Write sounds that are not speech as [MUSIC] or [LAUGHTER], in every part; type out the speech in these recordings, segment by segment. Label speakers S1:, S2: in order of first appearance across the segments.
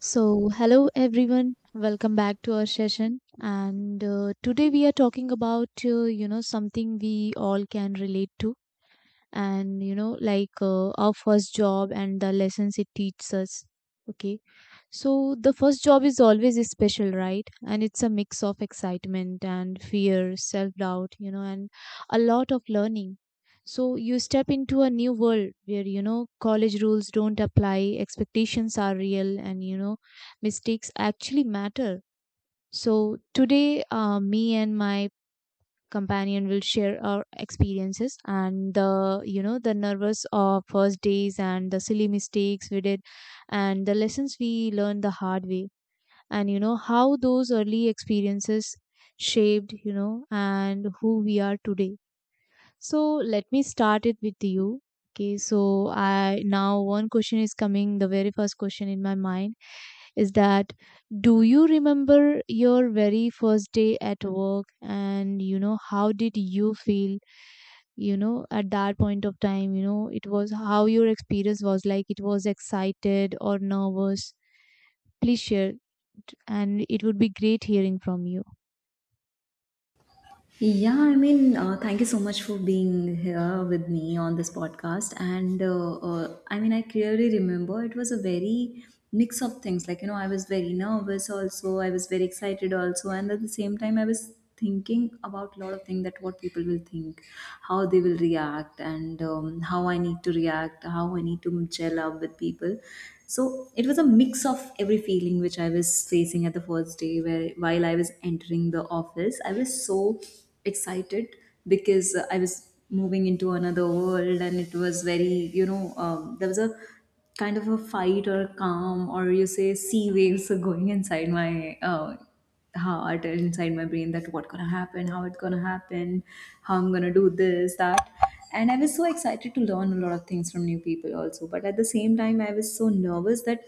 S1: So, hello everyone, welcome back to our session. And today we are talking about, something we all can relate to, and like our first job and the lessons it teaches us. Okay, so the first job is always special, right? And it's a mix of excitement and fear, self doubt, and a lot of learning. So you step into a new world where college rules don't apply, expectations are real, and mistakes actually matter. So today me and my companion will share our experiences and the you know the nervous of first days and the silly mistakes we did, and the lessons we learned the hard way, and how those early experiences shaped, and who we are today. So let me start it with you. Okay, so I now one question is coming. The very first question in my mind is that do you remember your very first day at work, and how did you feel at that point of time? It was how your experience was, like it was excited or nervous? Please share it, and it would be great hearing from you.
S2: Yeah, I mean, thank you so much for being here with me on this podcast. And I mean, I clearly remember it was a very mix of things. Like, you know, I was very nervous also, I was very excited also. And at the same time, I was thinking about a lot of things that what people will think, how they will react, and how I need to react, how I need to gel up with people. So it was a mix of every feeling which I was facing at the first day where while I was entering the office, I was so excited because I was moving into another world, and it was very, you know, there was a kind of a fight or calm, or you say sea waves are going inside my heart and inside my brain that what gonna happen, how it's gonna happen, how I'm gonna do this that. And I was so excited to learn a lot of things from new people also, but at the same time I was so nervous that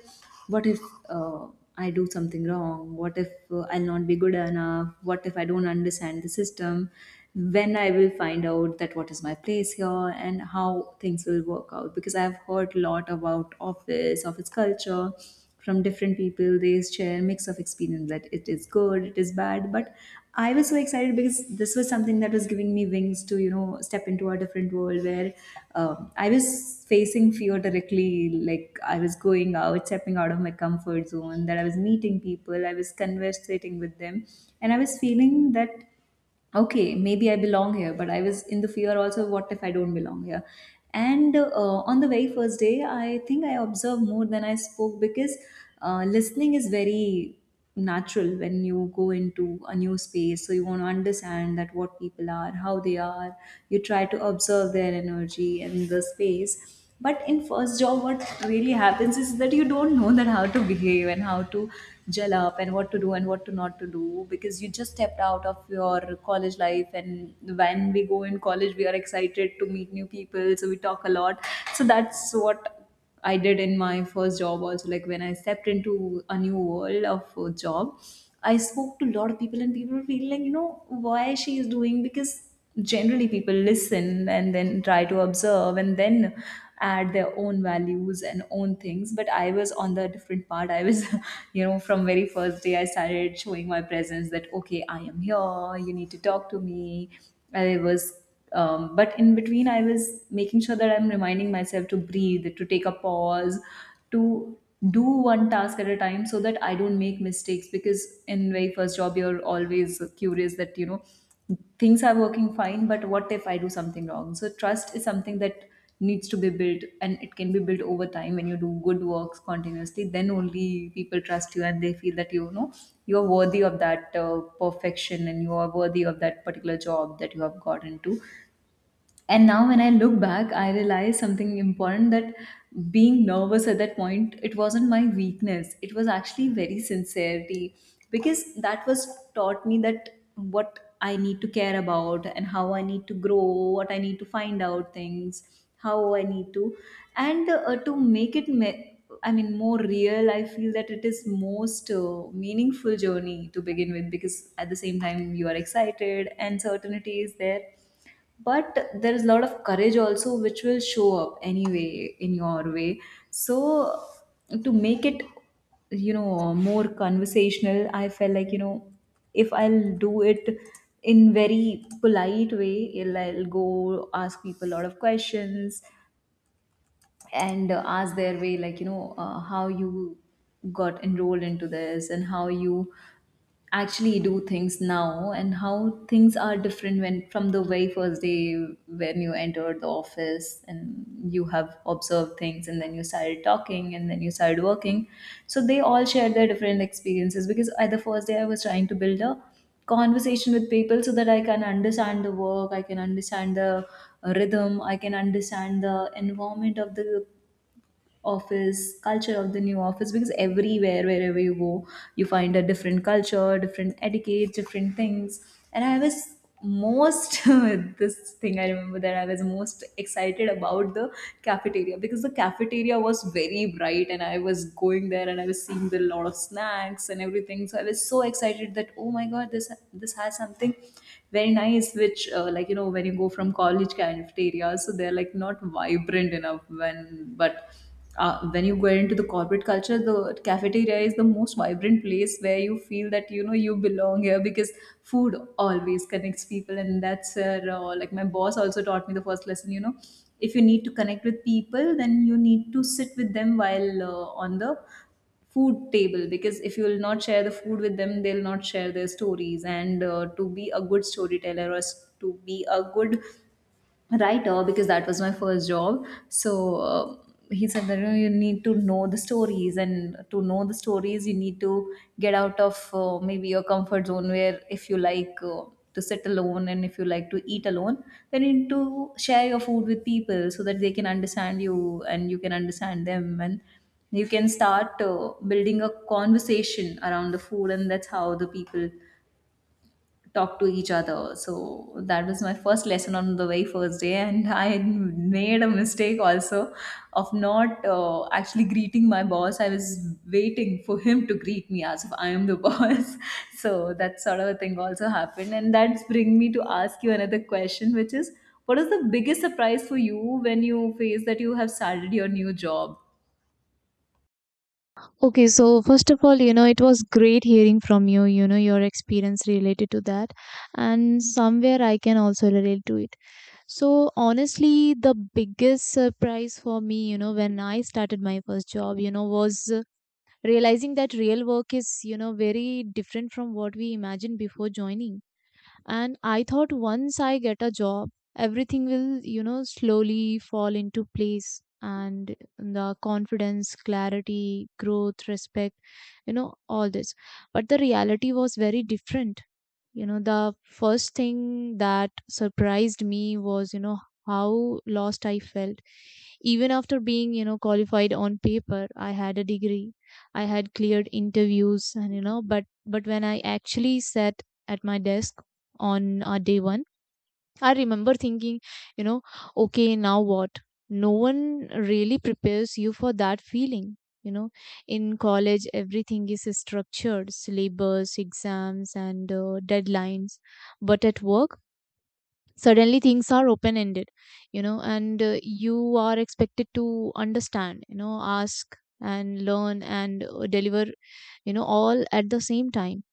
S2: what if uh, I do something wrong, what if I'll not be good enough, what if I don't understand the system, when I will find out that what is my place here and how things will work out, because I've heard a lot about office culture from different people. They share mix of experience that it is good, it is bad. But I was so excited because this was something that was giving me wings to, you know, step into a different world where I was facing fear directly. Like I was going out, stepping out of my comfort zone. That I was meeting people, I was conversating with them, and I was feeling that okay, maybe I belong here, but I was in the fear also, what if I don't belong here? And on the very first day, I think I observed more than I spoke because listening is very natural when you go into a new space. So you want to understand that what people are, how they are. You try to observe their energy and the space, but in first job what really happens is that you don't know that how to behave and how to gel up and what to do and what to not to do, because you just stepped out of your college life, and when we go in college we are excited to meet new people so we talk a lot. So that's what I did in my first job also, like when I stepped into a new world of job, I spoke to a lot of people and people were feeling like, you know, why she is doing, because generally people listen and then try to observe and then add their own values and own things. But I was on the different part. I was, [LAUGHS] you know, from very first day I started showing my presence that okay, I am here, you need to talk to me. I was But in between I was making sure that I'm reminding myself to breathe, to take a pause, to do one task at a time so that I don't make mistakes, because in very first job you're always curious that, you know, things are working fine, but what if I do something wrong. So trust is something that needs to be built, and it can be built over time. When you do good works continuously, then only people trust you and they feel that, you know, you are worthy of that perfection and you are worthy of that particular job that you have got into. And now when I look back, I realize something important, that being nervous at that point, it wasn't my weakness, it was actually very sincerity, because that was taught me that what I need to care about and how I need to grow, what I need to find out things, how I need to. And to make it me- I mean, more real, I feel that it is most meaningful journey to begin with, because at the same time you are excited and certainty is there, but there is a lot of courage also which will show up anyway in your way. So to make it, you know, more conversational, I felt like, you know, if I'll do it in very polite way, I'll go ask people a lot of questions and ask their way, like, you know, how you got enrolled into this, and how you actually do things now, and how things are different when from the very first day when you entered the office and you have observed things and then you started talking and then you started working. So they all shared their different experiences, because at the first day I was trying to build a conversation with people so that I can understand the work, I can understand the rhythm, I can understand the environment of the office culture of the new office, because everywhere wherever you go you find a different culture, different etiquette, different things. And I was most [LAUGHS] this thing I remember, that I was most excited about the cafeteria, because the cafeteria was very bright and I was going there and I was seeing the lot of snacks and everything, so I was so excited that oh my god, this has something very nice, which like, you know, when you go from college cafeteria, so they're like not vibrant enough when but when you go into the corporate culture, the cafeteria is the most vibrant place where you feel that, you know, you belong here, because food always connects people. And that's where like my boss also taught me the first lesson, you know, if you need to connect with people then you need to sit with them while on the food table, because if you will not share the food with them, they'll not share their stories. And to be a good storyteller or to be a good writer, because that was my first job. So he said that, you know, you need to know the stories, and to know the stories, you need to get out of maybe your comfort zone. Where if you like. To sit alone, and if you like to eat alone, then you need to share your food with people so that they can understand you and you can understand them, and you can start building a conversation around the food, and that's how the people talk to each other. So that was my first lesson on the very first day, and [LAUGHS] I had made a mistake also of not actually greeting my boss. I was waiting for him to greet me as if I am the [LAUGHS] boss. So that sort of a thing also happened, and that's bring me to ask you another question, which is. What is the biggest surprise for you when you face that you have started your new job?
S1: Okay, so first of all, it was great hearing from you, your experience related to that. And somewhere I can also relate to it. So, honestly, the biggest surprise for me, when I started my first job, was realizing that real work is, very different from what we imagined before joining. And I thought once I get a job, everything will slowly fall into place, and the confidence, clarity, growth, respect, all this. But the reality was very different. The first thing that surprised me was how lost I felt, even after being qualified on paper. I had a degree, I had cleared interviews, and but when I actually sat at my desk on day 1, I remember thinking, you know, okay, now what? No one really prepares you for that feeling. You know, in college, everything is structured: syllabus, exams, and deadlines. But at work, suddenly things are open ended, and you are expected to understand, ask and learn and deliver, all at the same time.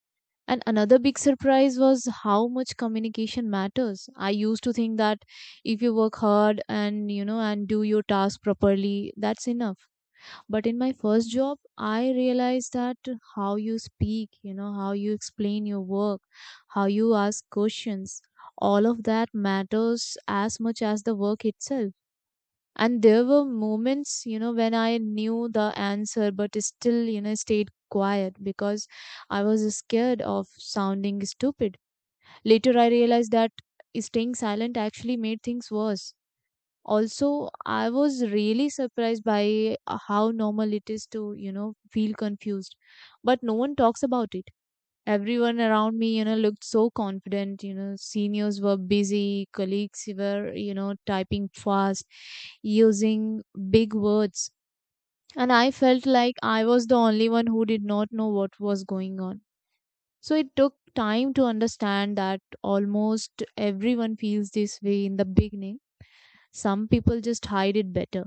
S1: And another big surprise was how much communication matters. I used to think that if you work hard and and do your task properly, that's enough. But in my first job, I realized that how you speak, how you explain your work, how you ask questions, all of that matters as much as the work itself. And there were moments, when I knew the answer but still, stayed quiet because I was scared of sounding stupid. Later I realized that staying silent actually made things worse. Also, I was really surprised by how normal it is to, feel confused, but no one talks about it. Everyone around me, looked so confident. Seniors were busy, colleagues were typing fast, using big words, and I felt like I was the only one who did not know what was going on. So it took time to understand that almost everyone feels this way in the beginning. Some people just hide it better.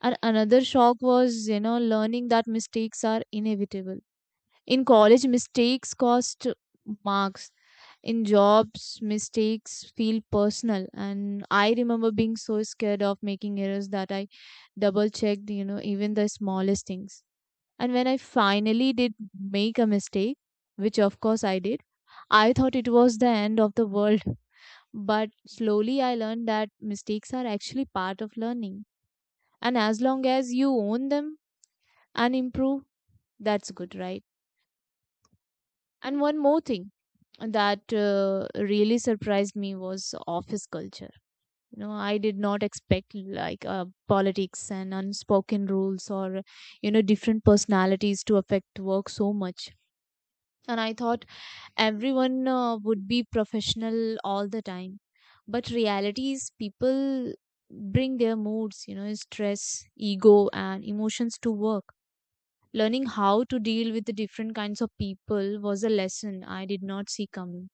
S1: And another shock was, learning that mistakes are inevitable. In college, mistakes cost marks. In jobs, mistakes feel personal. And I remember being so scared of making errors that I double checked, even the smallest things. And when I finally did make a mistake, which of course I did, I thought it was the end of the world. But slowly I learned that mistakes are actually part of learning. And as long as you own them and improve, that's good, right? And one more thing that really surprised me was office culture. I did not expect like politics and unspoken rules, or, different personalities to affect work so much. And I thought everyone would be professional all the time. But reality is people bring their moods, stress, ego, and emotions to work. Learning how to deal with the different kinds of people was a lesson I did not see coming.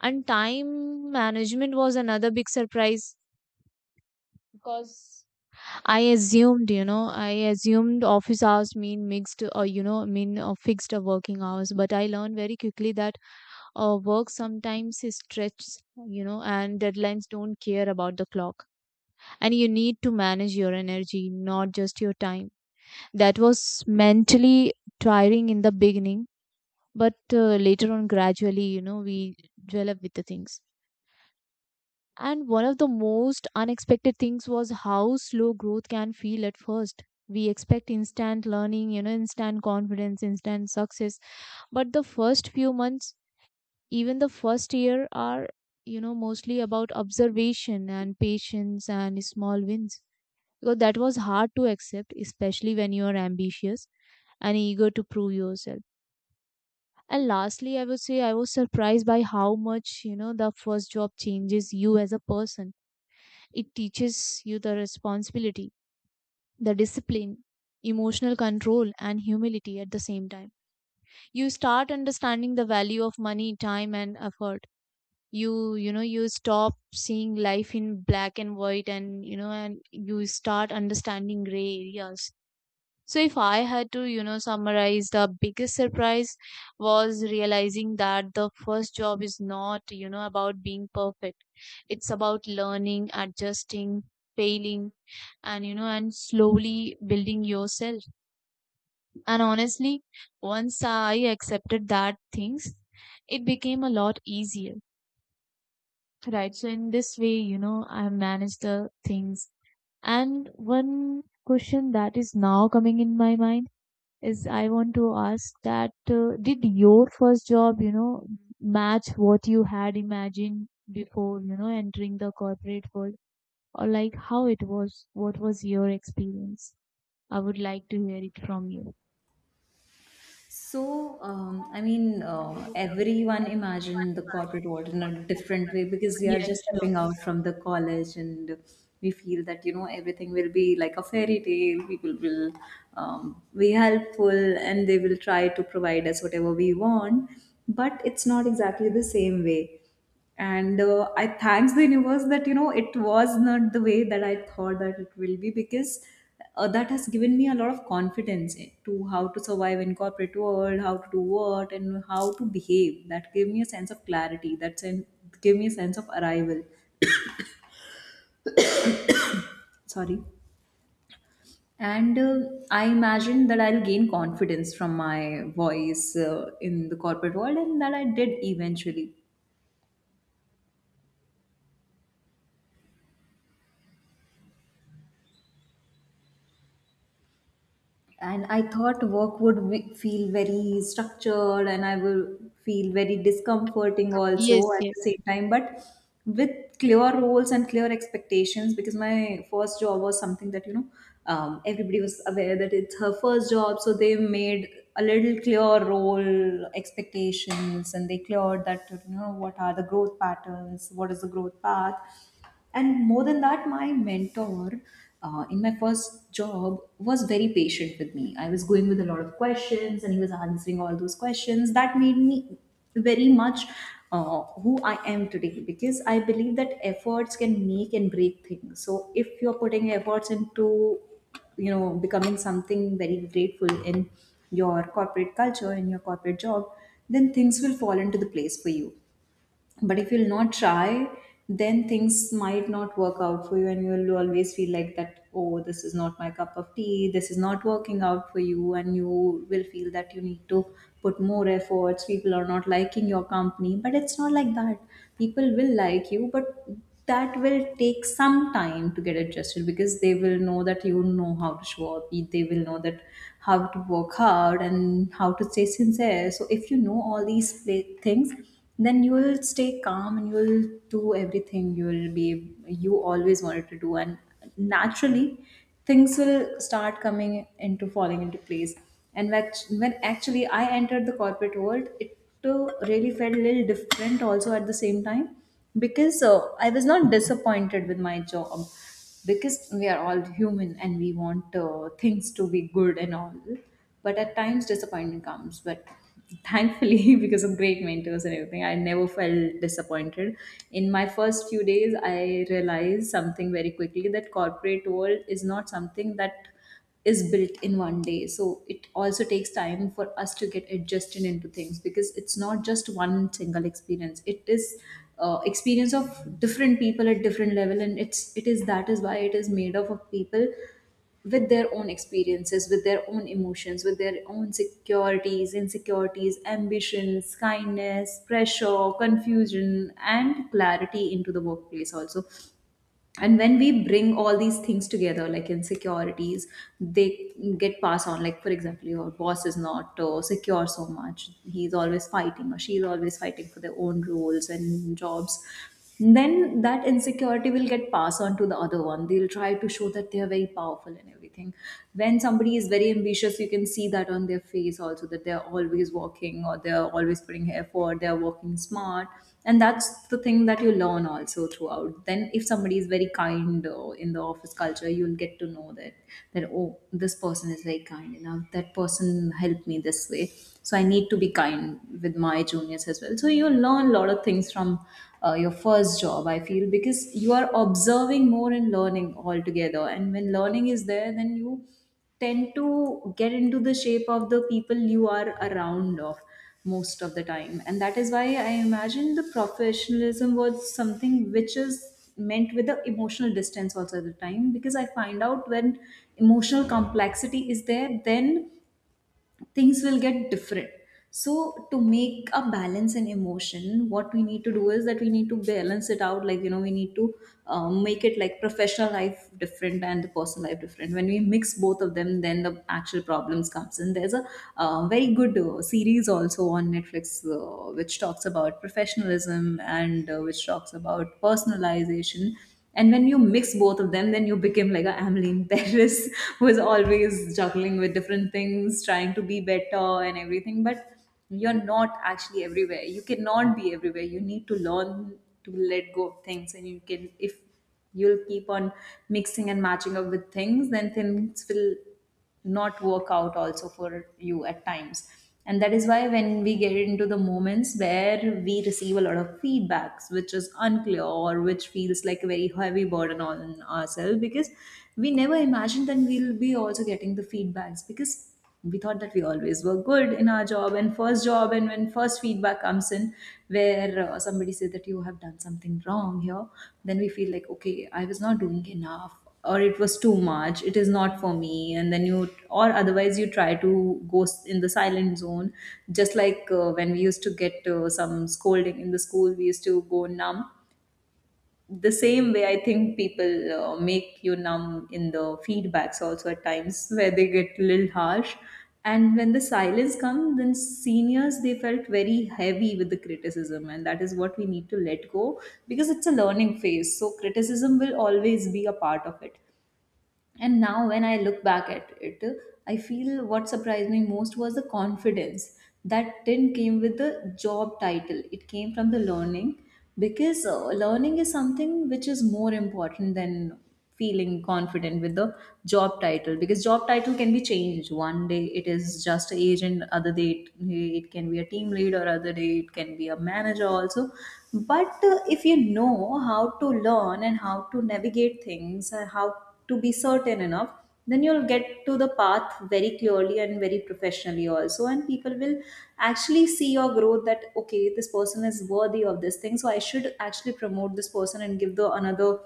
S1: And time management was another big surprise because I assumed office hours mean mixed or, mean fixed working hours. But I learned very quickly that work sometimes is stretched, and deadlines don't care about the clock. And you need to manage your energy, not just your time. That was mentally tiring in the beginning. But later on, gradually, we develop with the things. And one of the most unexpected things was how slow growth can feel at first. We expect instant learning, instant confidence, instant success. But the first few months, even the first year, are, mostly about observation and patience and small wins. Because that was hard to accept, especially when you are ambitious and eager to prove yourself. And lastly, I would say I was surprised by how much, the first job changes you as a person. It teaches you the responsibility, the discipline, emotional control, and humility at the same time. You start understanding the value of money, time, and effort. You stop seeing life in black and white, and, and you start understanding gray areas. So if I had to, summarize, the biggest surprise was realizing that the first job is not, about being perfect. It's about learning, adjusting, failing, and and slowly building yourself. And honestly, once I accepted that things, it became a lot easier. Right. So in this way, I manage the things. And one question that is now coming in my mind is I want to ask that did your first job, match what you had imagined before, entering the corporate world, or like how it was? What was your experience? I would like to hear it from you.
S2: So, I mean, everyone imagine the corporate world in a different way, because we are
S1: Yeah,
S2: just
S1: sure.
S2: stepping out from the college and we feel that, you know, everything will be like a fairy tale. People will be helpful and they will try to provide us whatever we want, but it's not exactly the same way. And I thanks the universe that, you know, it was not the way that I thought that it will be, because that has given me a lot of confidence to how to survive in corporate world, how to do what and how to behave. That gave me a sense of clarity, that gave me a sense of arrival, sorry. And I imagine that I'll gain confidence from my voice in the corporate world, and that I did eventually. And I thought work would feel very structured, and I will feel very discomforting also
S1: Yes,
S2: at the
S1: yes.
S2: same time, but with clear roles and clear expectations, because my first job was something that, you know, everybody was aware that it's her first job, so they made a little clear role expectations, and they cleared that, you know, what are the growth patterns, what is the growth path. And more than that, my mentor in my first job was very patient with me. I was going with a lot of questions and he was answering all those questions, that made me very much who I am today, because I believe that efforts can make and break things. So if you're putting efforts into, you know, becoming something very grateful in your corporate culture, in your corporate job, then things will fall into the place for you. But if you'll not try Then things might not work out for you, and you'll always feel like that, oh, this is not my cup of tea, this is not working out for you, and you will feel that you need to put more efforts. People are not liking your company, but it's not like that. People will like you, but that will take some time to get adjusted because they will know that you know how to show up. They will know that how to work hard and how to stay sincere. So if you know all these things, then you will stay calm and you will do everything you will be you always wanted to do. And naturally, things will start coming into falling into place. And like, when actually I entered the corporate world, it really felt a little different also at the same time, because I was not disappointed with my job, because we are all human and we want things to be good and all. But at times disappointment comes, but thankfully [LAUGHS] because of great mentors and everything, I never felt disappointed. In my first few days, I realized something very quickly: that corporate world is not something that is built in one day. So it also takes time for us to get adjusted into things because it's not just one single experience. It is experience of different people at different level, and it is that is why it is made up of people with their own experiences, with their own emotions, with their own securities, insecurities, ambitions, kindness, pressure, confusion, and clarity into the workplace also. And when we bring all these things together, like insecurities, they get passed on. Like, for example, your boss is not secure so much, he's always fighting or she's always fighting for their own roles and jobs, then that insecurity will get passed on to the other one. They'll try to show that they are very powerful and everything. When somebody is very ambitious, you can see that on their face also, that they're always walking or they're always putting effort, they're walking smart. And that's the thing that you learn also throughout. Then, if somebody is very kind in the office culture, you'll get to know that oh, this person is very kind enough. That person helped me this way, so I need to be kind with my juniors as well. So you learn a lot of things from your first job, I feel, because you are observing more and learning altogether, and when learning is there, then you tend to get into the shape of the people you are around of most of the time. And that is why I imagine the professionalism was something which is meant with the emotional distance also at the time, because I find out when emotional complexity is there, then things will get different. So, to make a balance in emotion, what we need to do is that we need to balance it out. Like, you know, we need to make it like professional life different and the personal life different. When we mix both of them, then the actual problems comes in. There's a very good series also on Netflix which talks about professionalism and which talks about personalization. And when you mix both of them, then you become like a Ameline Paris [LAUGHS] who is always juggling with different things, trying to be better and everything. But you're not actually everywhere. You cannot be everywhere. You need to learn to let go of things. And you can, if you'll keep on mixing and matching up with things, then things will not work out also for you at times. And that is why, when we get into the moments where we receive a lot of feedbacks which is unclear or which feels like a very heavy burden on ourselves, because we never imagined that we'll be also getting the feedbacks, because we thought that we always were good in our job and first job. And when first feedback comes in where somebody says that you have done something wrong here, then we feel like okay, I was not doing enough, or it was too much, it is not for me. And then you, or otherwise you try to go in the silent zone, just like when we used to get some scolding in the school, we used to go numb. The same way, I think people make you numb in the feedbacks also at times where they get a little harsh. And when the silence comes, then seniors, they felt very heavy with the criticism, and that is what we need to let go, because it's a learning phase, so criticism will always be a part of it. And now when I look back at it, I feel what surprised me most was the confidence that didn't came with the job title. It came from the learning, because learning is something which is more important than feeling confident with the job title, because job title can be changed one day. It is just a agent other day, it can be a team leader other day, it can be a manager also. But if you know how to learn and how to navigate things, how to be certain enough, then you'll get to the path very clearly and very professionally also. And people will actually see your growth, that okay, this person is worthy of this thing, so I should actually promote this person and give the another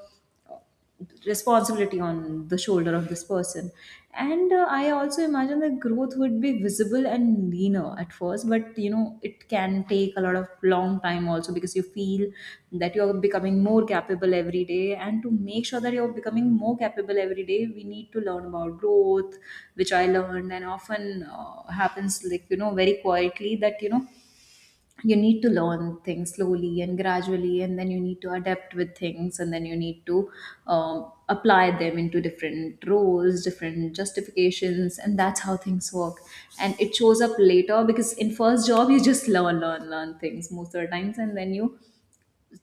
S2: responsibility on the shoulder of this person. And I also imagine that growth would be visible and leaner at first, but you know, it can take a lot of long time also, because you feel that you're becoming more capable every day. And to make sure that you're becoming more capable every day, we need to learn about growth, which I learned, and often happens, like, you know, very quietly, that you know, you need to learn things slowly and gradually, and then you need to adapt with things, and then you need to apply them into different roles, different justifications, and that's how things work. And it shows up later, because in first job you just learn, learn, learn things most of the times, and then you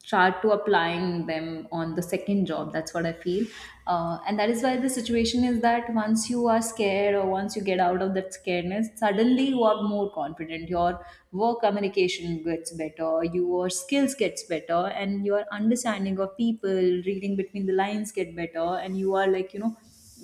S2: start to applying them on the second job, that's what I feel. And that is why the situation is that once you are scared, or once you get out of that scaredness, suddenly you are more confident, your work communication gets better, your skills gets better, and your understanding of people, reading between the lines, get better. And you are, like, you know,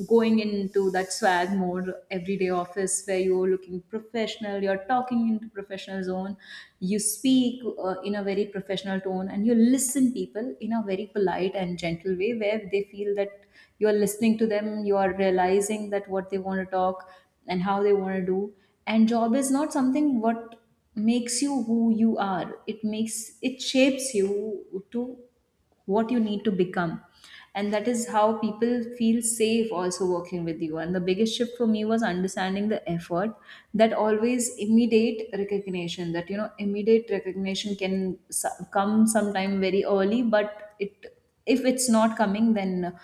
S2: going into that swag more, everyday office, where you're looking professional, you're talking into professional zone, you speak in a very professional tone, and you listen people in a very polite and gentle way where they feel that you are listening to them, you are realizing that what they want to talk and how they want to do. And job is not something what makes you who you are. It makes, it shapes you to what you need to become. And that is how people feel safe also working with you. And the biggest shift for me was understanding the effort, that always immediate recognition, that, you know, immediate recognition can come sometime very early, but it, if it's not coming, then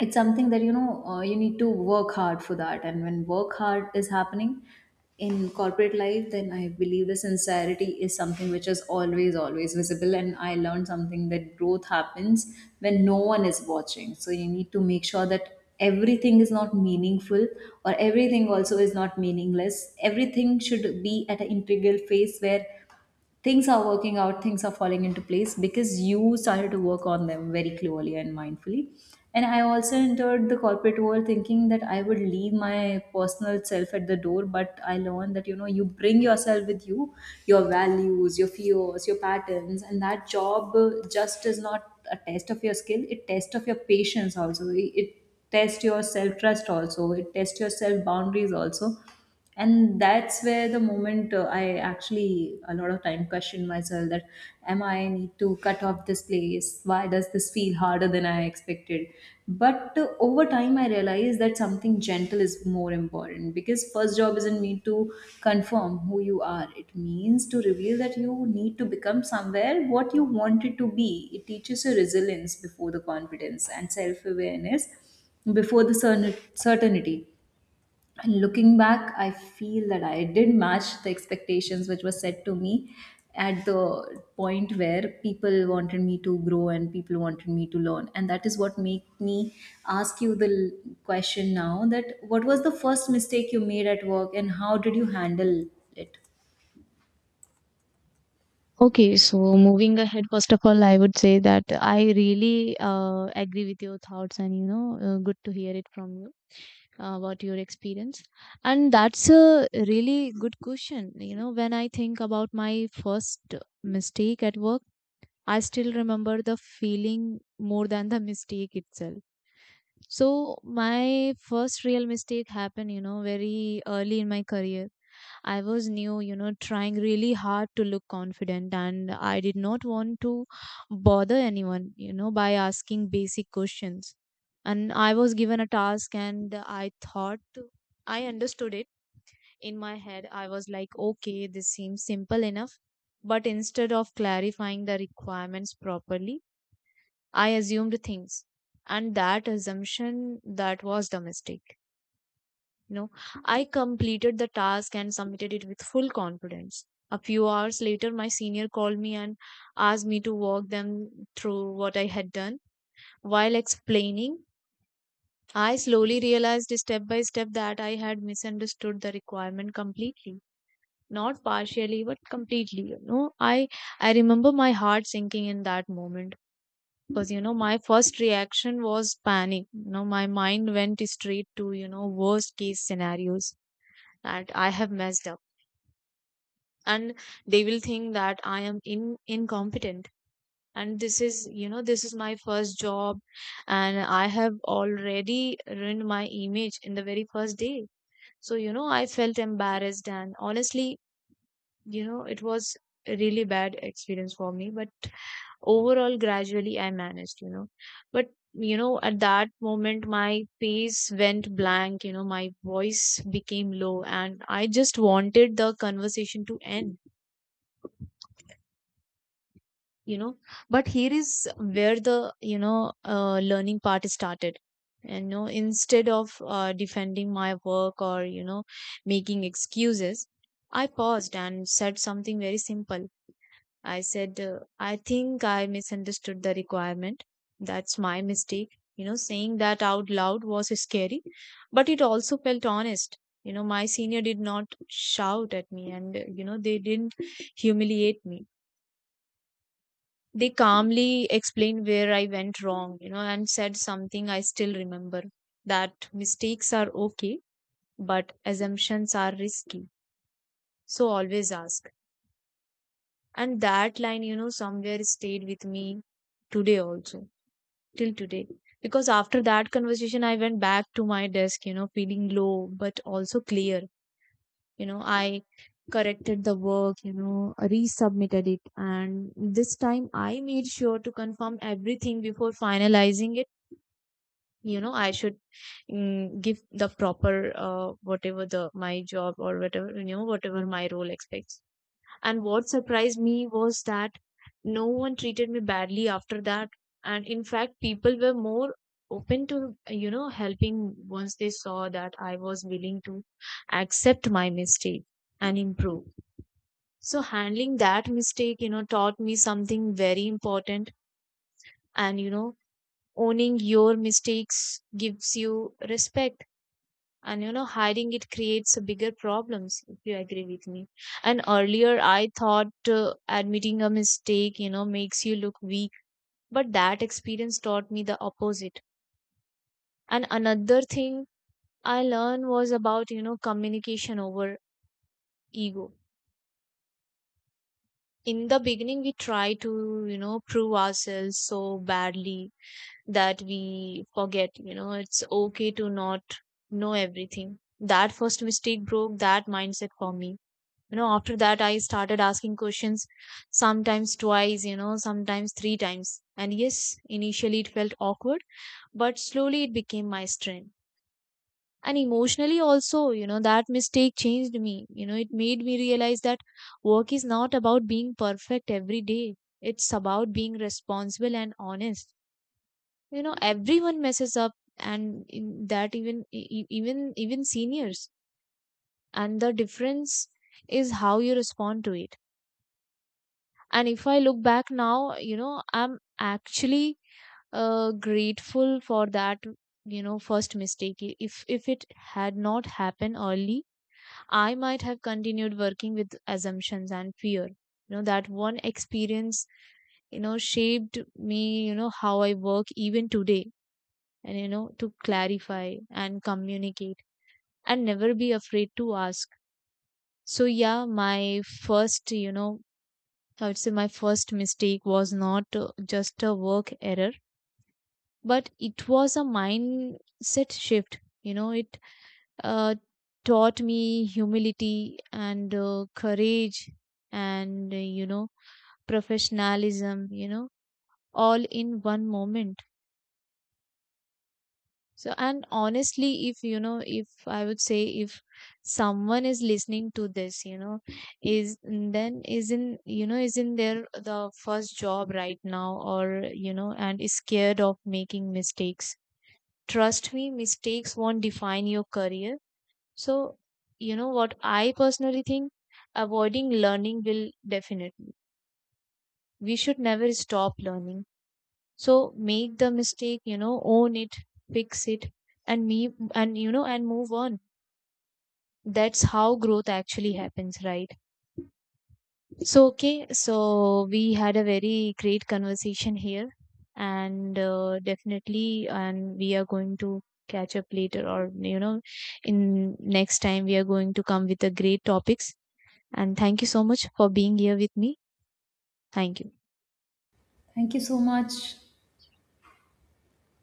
S2: it's something that you know you need to work hard for that. And when work hard is happening in corporate life, then I believe the sincerity is something which is always always visible. And I learned something, that growth happens when no one is watching. So you need to make sure that everything is not meaningful, or everything also is not meaningless. Everything should be at an integral phase where things are working out, things are falling into place, because you started to work on them very clearly and mindfully. And I also entered the corporate world thinking that I would leave my personal self at the door, but I learned that, you know, you bring yourself with you, your values, your fears, your patterns, and that job just is not a test of your skill; it tests of your patience also. It tests your self trust also. It tests your self boundaries also. And that's where the moment I actually a lot of time question myself, that am I need to cut off this place, why does this feel harder than I expected. But over time I realized that something gentle is more important, because first job isn't meant to confirm who you are, it means to reveal that you need to become somewhere what you wanted to be. It teaches you resilience before the confidence, and self-awareness before the certainty. And looking back, I feel that I did match the expectations which were set to me at the point where people wanted me to grow and people wanted me to learn. And that is what made me ask you the question now, that what was the first mistake you made at work and how did you handle it?
S1: Okay, so moving ahead, first of all, I would say that I really agree with your thoughts, and good to hear it from you about your experience. And that's a really good question. When I think about my first mistake at work, I still remember the feeling more than the mistake itself. So my first real mistake happened, very early in my career. I was new, trying really hard to look confident, and I did not want to bother anyone, by asking basic questions. And I was given a task, and I thought I understood it in my head. I was like, okay, this seems simple enough. But instead of clarifying the requirements properly, I assumed things. And that assumption that was the mistake. You know, I completed the task and submitted it with full confidence. A few hours later, my senior called me and asked me to walk them through what I had done. While explaining, I slowly realized step by step that I had misunderstood the requirement completely. Not partially, but completely. I remember my heart sinking in that moment, because my first reaction was panic. My mind went straight to, worst case scenarios, that I have messed up, and they will think that I am in incompetent, and this is, this is my first job, and I have already ruined my image in the very first day. So I felt embarrassed, and honestly, it was a really bad experience for me. But overall, gradually I managed, but at that moment my face went blank, my voice became low, and I just wanted the conversation to end. you know but here is where the, learning part started. And instead of defending my work or making excuses, I paused and said something very simple. I said, I think I misunderstood the requirement. That's my mistake. Saying that out loud was scary, but it also felt honest. My senior did not shout at me, and, they didn't humiliate me. They calmly explained where I went wrong, and said something I still remember, that mistakes are okay, but assumptions are risky. So always ask. And that line, somewhere stayed with me today also, till today. Because after that conversation, I went back to my desk, feeling low, but also clear. I corrected the work, resubmitted it. And this time I made sure to confirm everything before finalizing it. I should give the proper, whatever my job or whatever, whatever my role expects. And what surprised me was that no one treated me badly after that. And in fact, people were more open to, helping once they saw that I was willing to accept my mistake and improve. So handling that mistake, taught me something very important. And, owning your mistakes gives you respect, and hiding it creates a bigger problems, if you agree with me. And earlier I thought, admitting a mistake makes you look weak, but that experience taught me the opposite. And another thing I learned was about communication over ego. In the beginning, we try to prove ourselves so badly that we forget it's okay to not know everything. That first mistake broke that mindset for me. After that, I started asking questions, sometimes twice, sometimes three times, and yes, initially it felt awkward, but slowly it became my strength. And emotionally also, that mistake changed me. It made me realize that work is not about being perfect every day. It's about being responsible and honest. Everyone messes up, and in that, even even seniors. And the difference is how you respond to it. And if I look back now, I'm actually grateful for that. First mistake, if it had not happened early, I might have continued working with assumptions and fear. That one experience, shaped me, how I work even today. And to clarify and communicate and never be afraid to ask. So yeah, my first you know I would say my first mistake was not just a work error, but it was a mindset shift. It uh, taught me humility and courage and, professionalism, all in one moment. So, and honestly, if you know, if I would say if someone is listening to this, is then is in, you know, is in the first job right now, or, and is scared of making mistakes. Trust me, mistakes won't define your career. So, you know what I personally think, avoiding learning will definitely. We should never stop learning. So make the mistake, own it, fix it, and me and you know and move on. That's how growth actually happens, right? So, okay, so we had a very great conversation here. And definitely, and we are going to catch up later, or in next time we are going to come with the great topics. And thank you so much for being here with me. Thank you.
S2: Thank you so much.